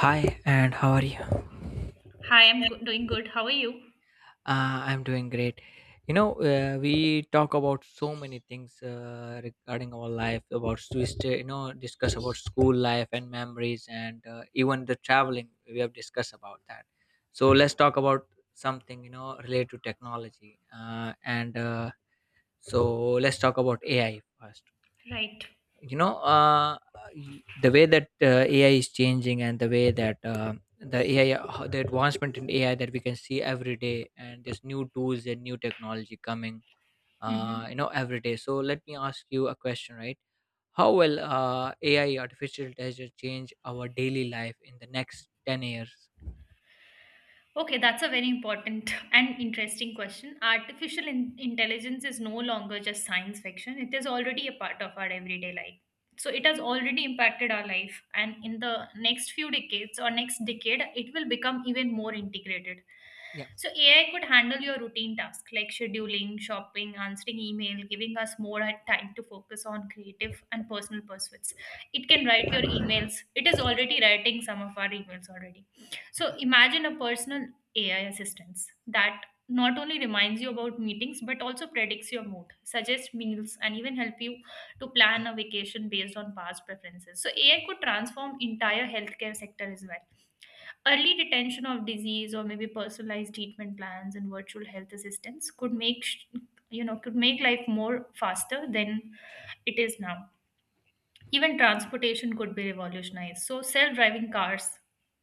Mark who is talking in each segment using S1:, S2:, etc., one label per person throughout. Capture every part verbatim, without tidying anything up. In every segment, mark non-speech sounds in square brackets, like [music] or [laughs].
S1: Hi, and how are you?
S2: Hi, I'm go- doing good. How are you?
S1: Uh, I'm doing great. You know, uh, we talk about so many things uh, regarding our life, about Swiss, you know, discuss about school life and memories, and uh, even the traveling. We have discussed about that. So let's talk about something you know related to technology. Uh, and uh, so Let's talk about A I first.
S2: Right.
S1: you know uh, you- the way that uh, ai is changing, and the way that uh, the ai how the advancement in ai that we can see every day, and there's new tools and new technology coming uh, you
S2: Mm-hmm.
S1: know every day. So let me ask you a question, right? How will uh, ai, artificial intelligence, change our daily life in the next ten years?
S2: Okay, that's a very important [laughs] and interesting question. Artificial in- intelligence is no longer just science fiction, it is already a part of our everyday life. So, it
S1: yeah,
S2: has already impacted our life, and in the next few decades or next decade, it will become even more integrated.
S1: yeah,
S2: So, A I could handle your routine tasks like scheduling, shopping, answering email, giving us more time to focus on creative and personal pursuits. It can write your emails, it is already writing some of our emails already, so imagine a personal A I assistance that not only reminds you about meetings but also predicts your mood, suggests meals, and even help you to plan a vacation based on past preferences. So A I could transform entire healthcare sector as well. Early detection of disease or maybe personalized treatment plans and virtual health assistance could make sh- you know could make life more faster than it is now. Even transportation could be revolutionized, so self-driving cars,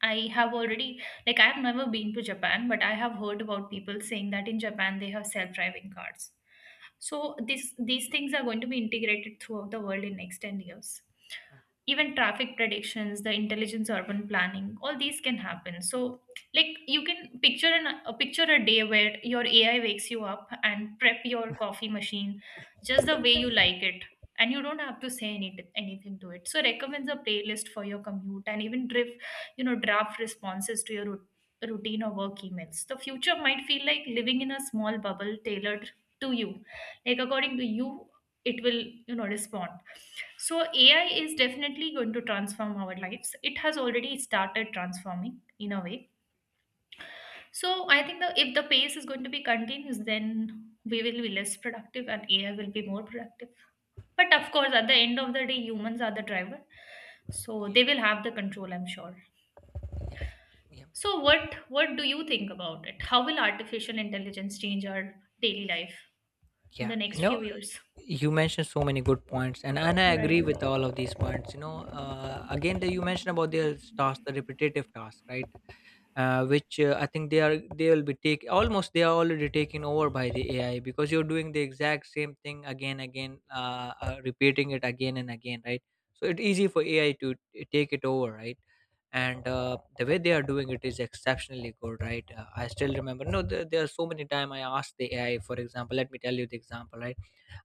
S2: I have already like I have never been to Japan, but I have heard about people saying that in Japan they have self-driving cars. So this these things are going to be integrated throughout the world in next ten years. Even traffic predictions, the intelligence urban planning, all these can happen. So like you can picture an a picture a day where your AI wakes you up and prep your coffee machine just the way you like it, and you don't have to say any, anything to it. So recommends a playlist for your commute and even drift you know draft responses to your rut- routine or work emails. The future might feel like living in a small bubble tailored to you. Like, according to you, it will you know respond. So A I is definitely going to transform our lives. It has already started transforming in a way. So I think that if the pace is going to be continuous, then we will be less productive and A I will be more productive. But
S1: yeah,
S2: of course, at the end of the day, humans are the driver. So
S1: yeah,
S2: they will have the control, I'm sure.
S1: yeah. Yeah.
S2: So what what do you think about it? How will artificial intelligence change our daily life in
S1: Yeah,
S2: the
S1: you
S2: next few
S1: know,
S2: years?
S1: you mentioned so many good points, and and I agree
S2: Right,
S1: with all of these points. You know, uh, again, that you mentioned about the task, the repetitive task, right? uh, which uh, I think they are they will be take almost, they are already taken over by the A I, because you're doing the exact same thing again again uh, uh, repeating it again and again, right? So it's easy for A I to t- take it over, right? And uh, the way they are doing it is exceptionally good, right? uh, I still remember, no there, there are so many time I asked the A I, for example. Let me tell you the example, right?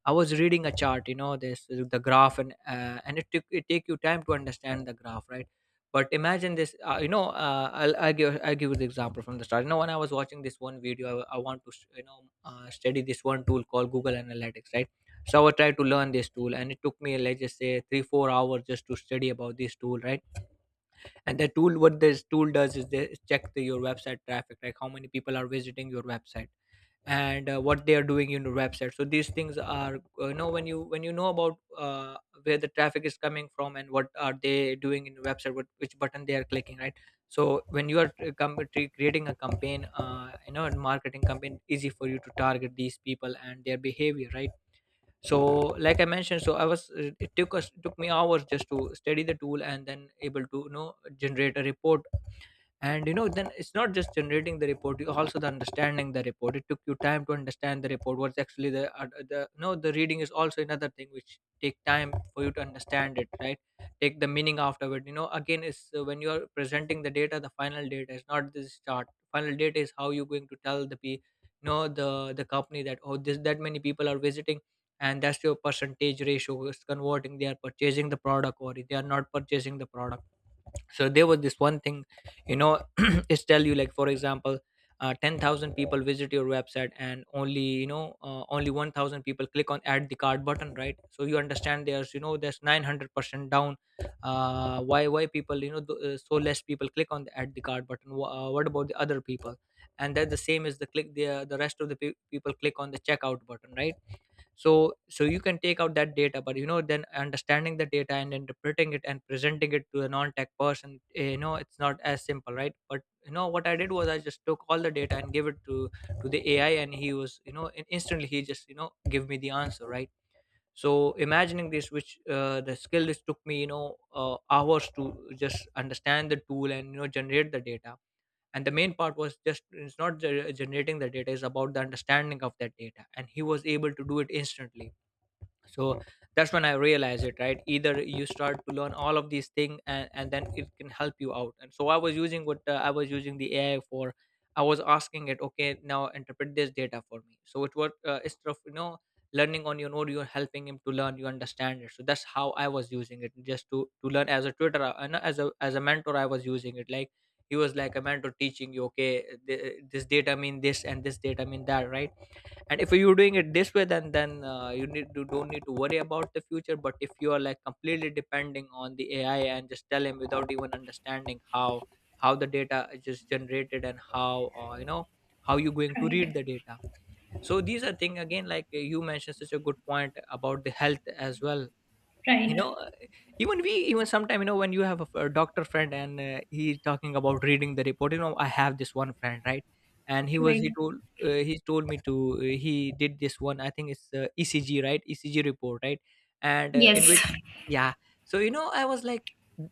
S1: I was reading a chart, you know, this the graph, and uh, and it took it take you time to understand the graph, right? But imagine this, uh, you know, uh, I'll I'll give I'll give you the example from the start. You know, when I was watching this one video, I, I want to you know uh, study this one tool called Google Analytics, right? So I tried to learn this tool, and it took me, let's just say, three four hours, just to study about this tool, right? And the tool, what this tool does is they check the, your website traffic, like how many people are visiting your website, and uh, what they are doing in the website. So these things are uh, you know when you when you know about uh, where the traffic is coming from, and what are they doing in the website, what which button they are clicking, right? So when you are uh, com- tre- creating a campaign, uh, you know and marketing campaign, easy for you to target these people and their behavior, right? So like I mentioned, so I was uh, it took us it took me hours just to study the tool, and then able to you know generate a report. And you know then it's not just generating the report, you also the understanding the report, it took you time to understand the report. What's actually the uh, the no the reading is also another thing which take time for you to understand it, right? Take the meaning afterward, you know, again is uh, when you are presenting the data, the final data is not this chart. Final data is how you're going to tell the p no the the company that, oh, this that many people are visiting, and that's your percentage ratio is converting, they are purchasing the product or they are not purchasing the product. So there was this one thing, you know, [clears throat] it's tell you, like for example, uh, ten thousand people visit your website, and only you know uh, only one thousand people click on add the card button, right? So you understand there's you know there's nine hundred percent down. Uh, why why people, you know, th- uh, so less people click on the add the card button. Wh- uh, what about the other people? And that the same is the click the uh, the rest of the pe- people click on the checkout button, right? So so you can take out that data, but you know then understanding the data and interpreting it and presenting it to a non-tech person, eh, you know, it's not as simple, right? But you know what I did was, I just took all the data and gave it to to the ai, and he was you know in- instantly, he just you know give me the answer, right? So imagining this, which uh, the skill, this took me you know uh, hours to just understand the tool and you know generate the data. And the main part was just, it's not ge- generating the data, it's about the understanding of that data, and he was able to do it instantly. So that's when I realized it, right? Either you start to learn all of these things, and, and then it can help you out. And so I was using what uh, I was using the ai for, I was asking it, okay, now interpret this data for me. So it was uh, instead of you know learning on your own, you're helping him to learn, you understand it. So that's how I was using it, just to to learn as a tutor, uh, and as a as a mentor. I was using it like, he was like a mentor teaching you, okay, th- this data mean this and this data mean that, right? And if you're doing it this way, then then uh, you need to don't need to worry about the future. But if you are like completely depending on the ai and just tell him without even understanding how how the data is just generated, and how uh, you know how you going to read
S2: right,
S1: the data. So these are thing, again, like uh, you mentioned such a good point about the health as well. you
S2: right,
S1: know uh, Even, we even sometime, you know, when you have a, f- a doctor friend, and uh, he's talking about reading the report. You know, I have this one friend, right? And he was he
S2: right.
S1: told uh, he told me to uh, he did this one, I think it's uh, ecg, right? Ecg report, right? And uh,
S2: Yes.
S1: in which, yes. Yeah. So you know I was like,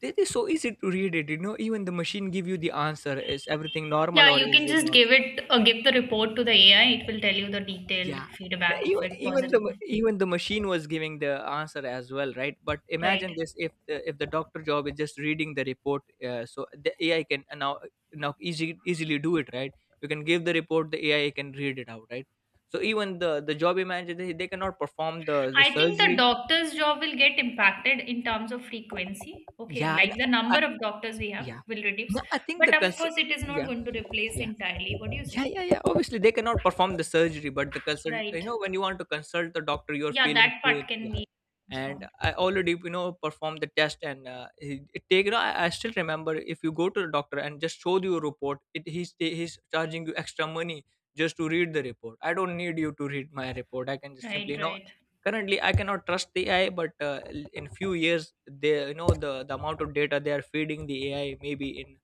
S1: "This is so easy to read it, you know, even the machine give you the answer, is everything normal
S2: Yeah,
S1: or
S2: you
S1: is
S2: can
S1: it
S2: just
S1: not?"
S2: give it uh, give the report to the A I. It will tell you the detailed
S1: Yeah.
S2: feedback of
S1: Even,
S2: it,
S1: even
S2: positive.
S1: the even the machine was giving the answer as well, right? But
S2: Right.
S1: imagine this: if the, if the doctor job is just reading the report, uh, so the A I can uh, now now easy, easily do it, right? You can give the report, the A I can read it out, right? So even the the job, imagine they, they cannot perform the the
S2: I think the
S1: surgery.
S2: doctor's job will get impacted in terms of frequency. Okay,
S1: Yeah, and
S2: like the
S1: I,
S2: number of doctors we have
S1: yeah,
S2: will reduce,
S1: no, I think the
S2: but of
S1: cons-
S2: course, it is not
S1: yeah,
S2: going to replace
S1: yeah.
S2: entirely. What do you
S1: Yeah,
S2: say?
S1: yeah, yeah, obviously they cannot perform the surgery, but the consult, you
S2: Right.
S1: know, when you want to consult the doctor, you're
S2: Yeah,
S1: feeling
S2: that
S1: pain,
S2: part can
S1: yeah.
S2: be
S1: And
S2: transformed.
S1: I already you know performed the test, and uh, he- it take, you know, I, I still remember, if you go to the doctor and just show you a report, it he's he's charging you extra money just to read the report. I don't need you to read my report, I can just simply,
S2: Right.
S1: you know,
S2: Right.
S1: currently I cannot trust the ai, but uh, in few years, they you know, the the amount of data they are feeding the ai, maybe in,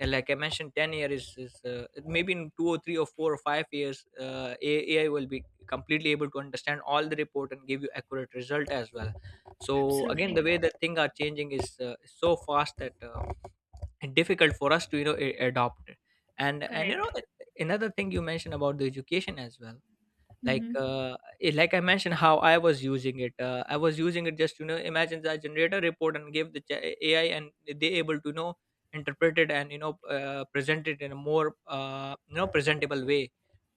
S1: and like I mentioned, ten years is, is uh, maybe in two or three or four or five years, uh, A- AI will be completely able to understand all the report and give you accurate result as well. So again, the way
S2: Absolutely
S1: that things are changing is uh, is so fast that uh, it's difficult for us to you know a- adopt it. And and you know
S2: correct.
S1: another thing you mentioned about the education as well, like
S2: Mm-hmm.
S1: uh, eh, like I mentioned how I was using it. uh, I was using it just, you know, imagine that I generate a report and give the ch- AI, and they able to, you know, interpret it and, you know, uh, present it in a more, uh, you know, presentable way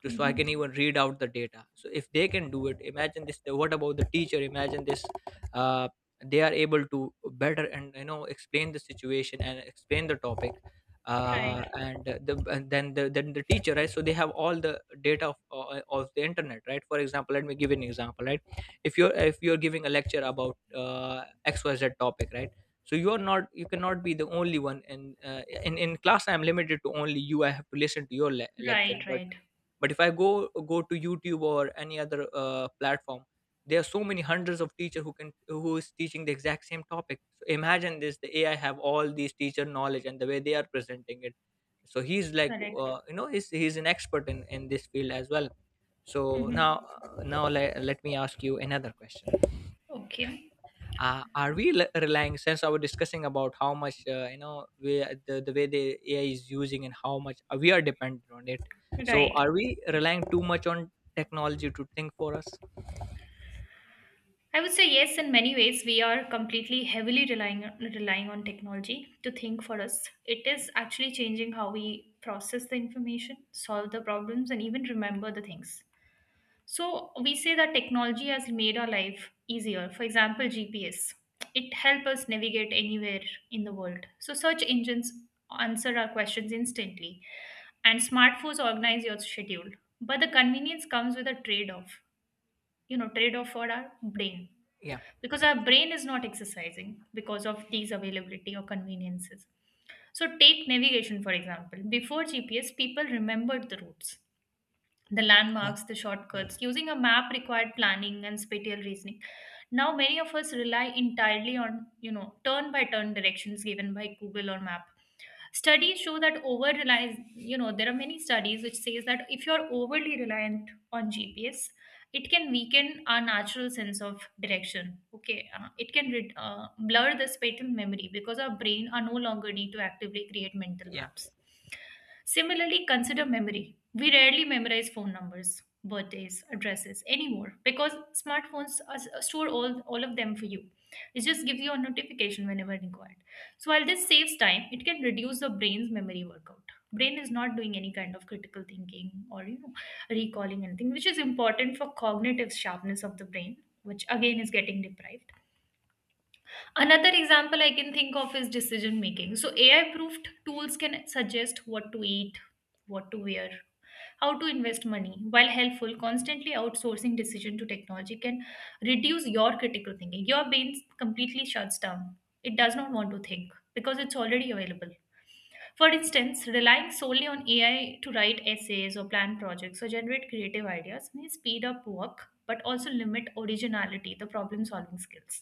S1: to, so I can
S2: Mm-hmm.
S1: even read out the data. So if they can do it, imagine this. What about the teacher? Imagine this. uh, they are able to better and, you know, explain the situation and explain the topic, uh,
S2: Right.
S1: and the and then the then the teacher, right? So they have all the data of, uh, of the internet, right? For example, let me give an example, right? If you're if you're giving a lecture about uh, XYZ topic, right? So you are not, you cannot be the only one in uh, in in class. I'm limited to only you, I have to listen to your le- lecture,
S2: Right.
S1: but
S2: Right.
S1: but if i go go to YouTube or any other uh, platform, there are so many hundreds of teachers who can, who is teaching the exact same topic. Imagine this, the AI have all these teacher knowledge and the way they are presenting it. So he's like,
S2: Correct.
S1: uh, you know, he's he's an expert in in this field as well. So now,
S2: Mm-hmm.
S1: uh, now let, let me ask you another question.
S2: Okay.
S1: Uh, are we le- relying, since I was discussing about how much, uh, you know, we the, the way the AI is using and how much, uh, we are dependent on it. So
S2: Right.
S1: are we relying too much on technology to think for us?
S2: I would say yes, in many ways, we are completely heavily relying, relying on technology to think for us. It is actually changing how we process the information, solve the problems, and even remember the things. So, we say that technology has made our life easier. For example, G P S. It helps us navigate anywhere in the world. So, search engines answer our questions instantly, and smartphones organize your schedule. But the convenience comes with a trade off, you know, trade off for our brain,
S1: Yeah.
S2: because our brain is not exercising because of these availability or conveniences. So take navigation for example. Before GPS, people remembered the routes, the
S1: Yeah,
S2: landmarks, the
S1: yeah,
S2: shortcuts. Using a map required planning and spatial reasoning. Now many of us rely entirely on, you know, turn by turn directions given by Google or map. Studies show that over reliance, you know, there are many studies which says that if you're overly reliant on G P S, it can weaken our natural sense of direction. Okay, uh, it can rid- uh, blur the spatial memory, because our brain are no longer need to actively create mental
S1: yeah,
S2: maps. Similarly, consider memory. We rarely memorize phone numbers, birthdays, addresses anymore, because smartphones are, store all, all of them for you. It just gives you a notification whenever required. So while this saves time, it can reduce the brain's memory workout. Brain is not doing any kind of critical thinking or, you know, recalling anything, which is important for cognitive sharpness of the brain, which again is getting deprived. Another example I can think of is decision making. So, A I proofed tools can suggest what to eat, what to wear, how to invest money. While helpful, constantly outsourcing decision to technology can reduce your critical thinking. Your brain completely shuts down. It does not want to think because it's already available. For instance, relying solely on A I to write essays or plan projects or generate creative ideas may speed up work but also limit originality, the problem solving skills.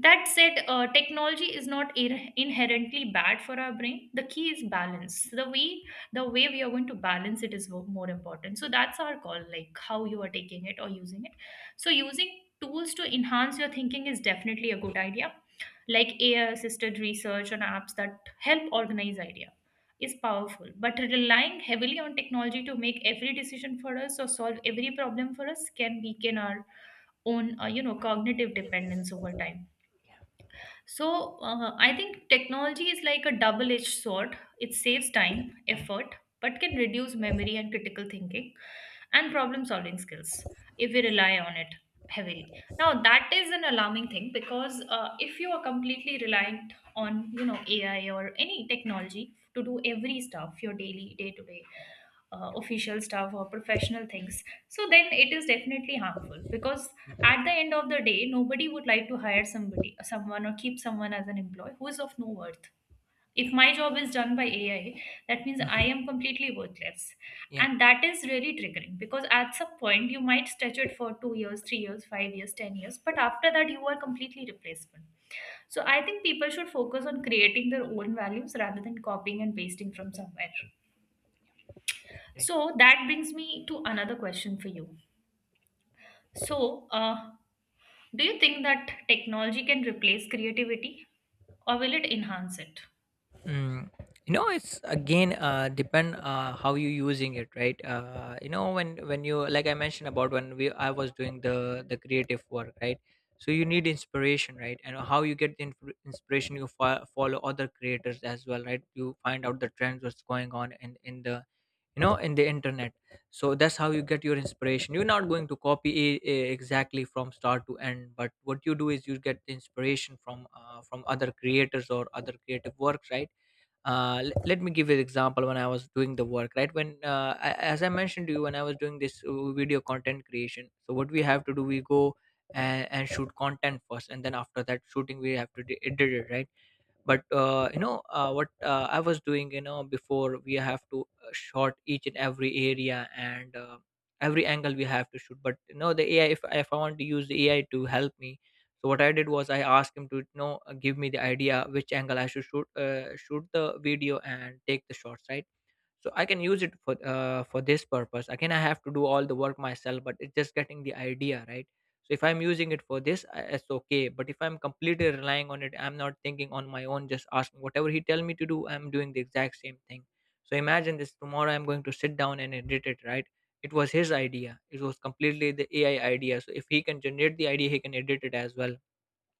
S2: That said, uh, technology is not ir- inherently bad for our brain. The key is balance. The way the way we are going to balance it is wo- more important. So that's our call, like how you are taking it or using it. So using tools to enhance your thinking is definitely a good idea. Like A I assisted research and apps that help organize idea is powerful. But relying heavily on technology to make every decision for us or solve every problem for us can weaken our own, uh, you know, cognitive dependence over time.
S1: yeah,
S2: So uh, I think technology is like a double edged sword. It saves time,
S1: yeah,
S2: effort, but can reduce memory and critical thinking and problem solving skills if we rely on it heavily. Now that is an alarming thing, because uh, if you are completely reliant on, you know, A I or any technology to do every stuff, your daily day to day uh,
S1: yeah.
S2: official stuff or professional things, so then it is definitely harmful. Because
S1: Yeah,
S2: at the end of the day, nobody would like to hire somebody someone or keep someone as an employee who is of no worth. If
S1: yeah.
S2: my job is done by AI, that means I
S1: Mhm.
S2: am completely worthless.
S1: Yeah.
S2: And that is really triggering, because at some point you might stretch it for two years, three years, five years, ten years, but after that you are completely replaceable. So I think people should focus on creating their own values rather than copying and pasting from somewhere.
S1: Great.
S2: So that brings me to another question for you. So, uh, do you think that technology can replace creativity, or will it enhance it?
S1: Mm, you know, it's again, uh depend, uh how you using it, right? Uh you know, when when you, like I mentioned about when we I was doing the the creative work, right? So you need inspiration, right? And how you get the inf- inspiration? You fo- follow other creators as well, right? You find out the trends, what's going on in in the, you know, in the internet. So that's how you get your inspiration. You're not going to copy it exactly from start to end, but what you do is you get the inspiration from, uh, from other creators or other creative works, right? Uh, l- let me give you an example. When I was doing the work, right, when uh, I, as I mentioned to you, when I was doing this, uh, video content creation. So what we have to do, we go and, and shoot content first, and then after that shooting we have to de- edit it, right? But uh, you know, uh, what uh, I was doing, you know, before, we have to, uh, shot each and every area, and uh, every angle we have to shoot. But you know, the AI, if, if I want to use the AI to help me, so what I did was I asked him to, you know, give me the idea which angle I should shoot uh, shoot the video and take the shots, right? So I can use it for uh, for this purpose. Again, I have to do all the work myself, but it's just getting the idea, right? So if I'm using it for this, I- it's okay. But if I'm completely relying on it, I'm not thinking on my own, just asking whatever he tell me to do, I'm doing the exact same thing. So imagine this, tomorrow I'm going to sit down and edit it, right? It was his idea, it was completely the AI idea. So if he can generate the idea, he can edit it as well.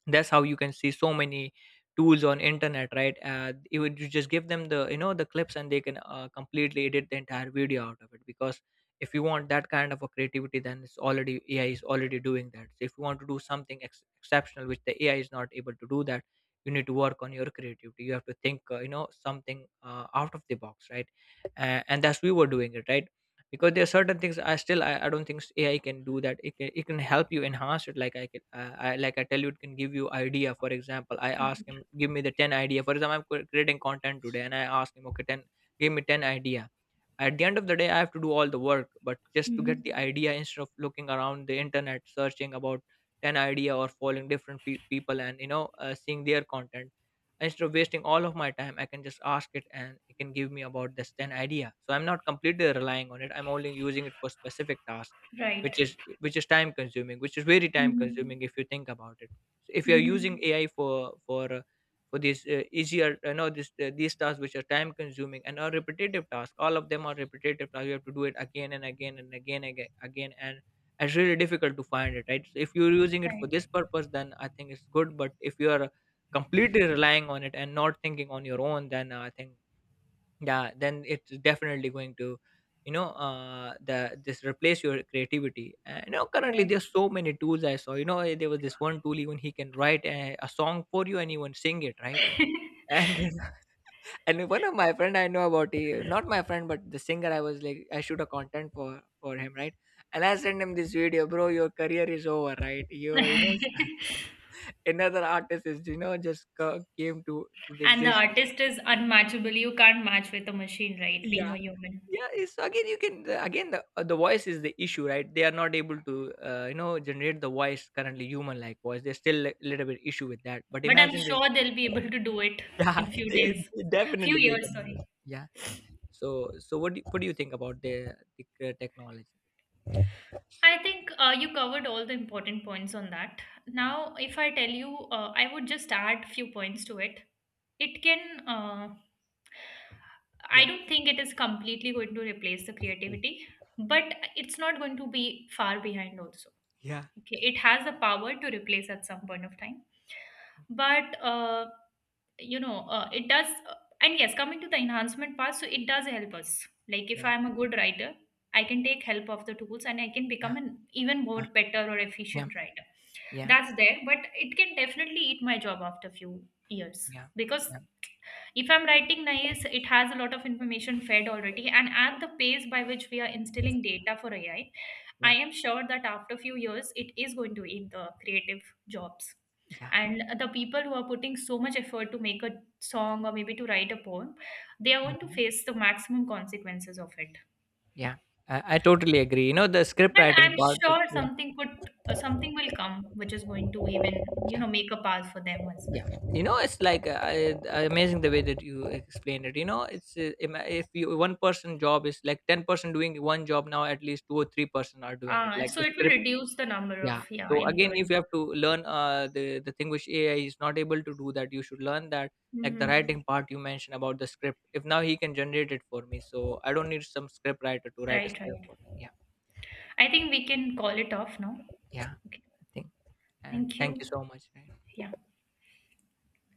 S1: That's how you can see so many tools on internet, right? Uh, you would- you just give them the, you know, the clips, and they can, uh, completely edit the entire video out of it. Because if you want that kind of a creativity, then it's already, AI is already doing that. So if you want to do something ex- exceptional which the AI is not able to do that, you need to work on your creativity. You have to think, uh, you know, something, uh, out of the box, right? Uh, and that's we were doing it, right? Because there are certain things i still i, I don't think AI can do that. It can, it can help you enhance it. Like I can, uh, I like I tell you, it can give you idea. For example, I ask
S2: Right.
S1: him give me the ten idea. For example, I'm cre- creating content today, and I ask him okay ten, give me ten idea. At the end of the day, I have to do all the work, but just to get the
S2: Mm-hmm.
S1: idea, instead of looking around the internet searching about an idea or following different fe- people and, you know, uh, seeing their content. Instead of wasting all of my time, I can just ask it, and it can give me about this ten idea. So I'm not completely relying on it, I'm only using it for specific task, which
S2: Right.
S1: is which is time consuming, which is very time
S2: Mm-hmm.
S1: consuming if you think about it. So if you're using
S2: Mm-hmm.
S1: AI for for uh, for these, uh, easier, you know, this uh, these tasks which are time consuming and are repetitive tasks. All of them are repetitive tasks, you have to do it again and again and again again again and it's really difficult to find it, right? So if you're using it for
S2: Right.
S1: this purpose, then I think it's good. But if you are completely relying on it and not thinking on your own, then I think, yeah, then it's definitely going to, you know, uh the this replace your creativity. And you know, currently
S2: Right.
S1: there's so many tools I saw, you know, eh, there was this one tool, even he can write a, a song for you and even sing it, right? And [laughs] and one of my friend I know about, he not my friend but the singer, I was like, I shoot a content for for him, right? And I sent him this video, bro your career is over, right? You you know, [laughs] another artist is, you know, just ca- came to to the
S2: And the
S1: existence.
S2: artist is unmatchable. You can't match with a machine, right? Being
S1: Yeah.
S2: a human.
S1: Yeah, it's again, you can the- again the, uh, the voice is the issue, right? They are not able to, uh, you know, generate the voice currently, human like voice, there's still a little bit issue with that. But
S2: But I'm
S1: imagine this.
S2: sure they'll be able to do it
S1: Yeah,
S2: in
S1: [laughs]
S2: few
S1: they,
S2: days,
S1: they
S2: few
S1: definitely they
S2: years,
S1: can do it.
S2: sorry.
S1: Yeah. So, so what do you, what do you think about the, the uh, technology? So,
S2: I think uh, you covered all the important points on that.
S1: so,
S2: Now, if I tell you, uh, I would just add few points to it. It can, uh, I
S1: yeah,
S2: don't think it is completely going to replace the creativity, but it's not going to be far behind also.
S1: yeah,
S2: Okay, it has the power to replace at some point of time, but uh, you know uh, it does. Uh, and yes, coming to the enhancement part, so it does help us. Like if
S1: yeah,
S2: I am a good writer, I can take help of the tools and I can
S1: yeah,
S2: become an even more better or
S1: yeah,
S2: efficient writer.
S1: yeah,
S2: That's there, but it can definitely eat my job after few years.
S1: yeah, yeah,
S2: Because
S1: yeah,
S2: if I'm writing nice, it has a lot of information fed already. And at the pace by which we are instilling data for A I, I I
S1: yeah,
S2: am sure that after a few years, it is going to eat the creative jobs.
S1: yeah.
S2: And the people who are putting so much effort to make a song or maybe to write a poem, they are going to
S1: Mhm,
S2: face the maximum consequences of it.
S1: yeah. I, I totally agree. You know, the script
S2: But
S1: writing
S2: I'm
S1: part. uh,
S2: sure
S1: Yeah,
S2: something could, uh, something will come which is going to even, you
S1: yeah,
S2: know, make a path for them as well.
S1: yeah. You know, it's like, uh, I- uh, amazing the way that you explained it. You know, it's uh, ima- if you one person job is like ten person doing one job, now at least two or three person are doing it.
S2: Uh,
S1: Like
S2: so
S1: the
S2: it will
S1: script.
S2: reduce the number
S1: Yeah.
S2: of, yeah,
S1: So again, if
S2: employment.
S1: you have to learn, uh, the the thing which A I is not able to do, that you should learn that, like the
S2: Mhm.
S1: writing part you mentioned about the script. If now he can generate it for me, so I don't need some script writer to write a
S2: Right,
S1: script
S2: right.
S1: for me. Yeah,
S2: I think we can call it off now.
S1: yeah,
S2: Okay.
S1: I think. And
S2: Thank
S1: thank you
S2: you.
S1: so much, right?
S2: Yeah.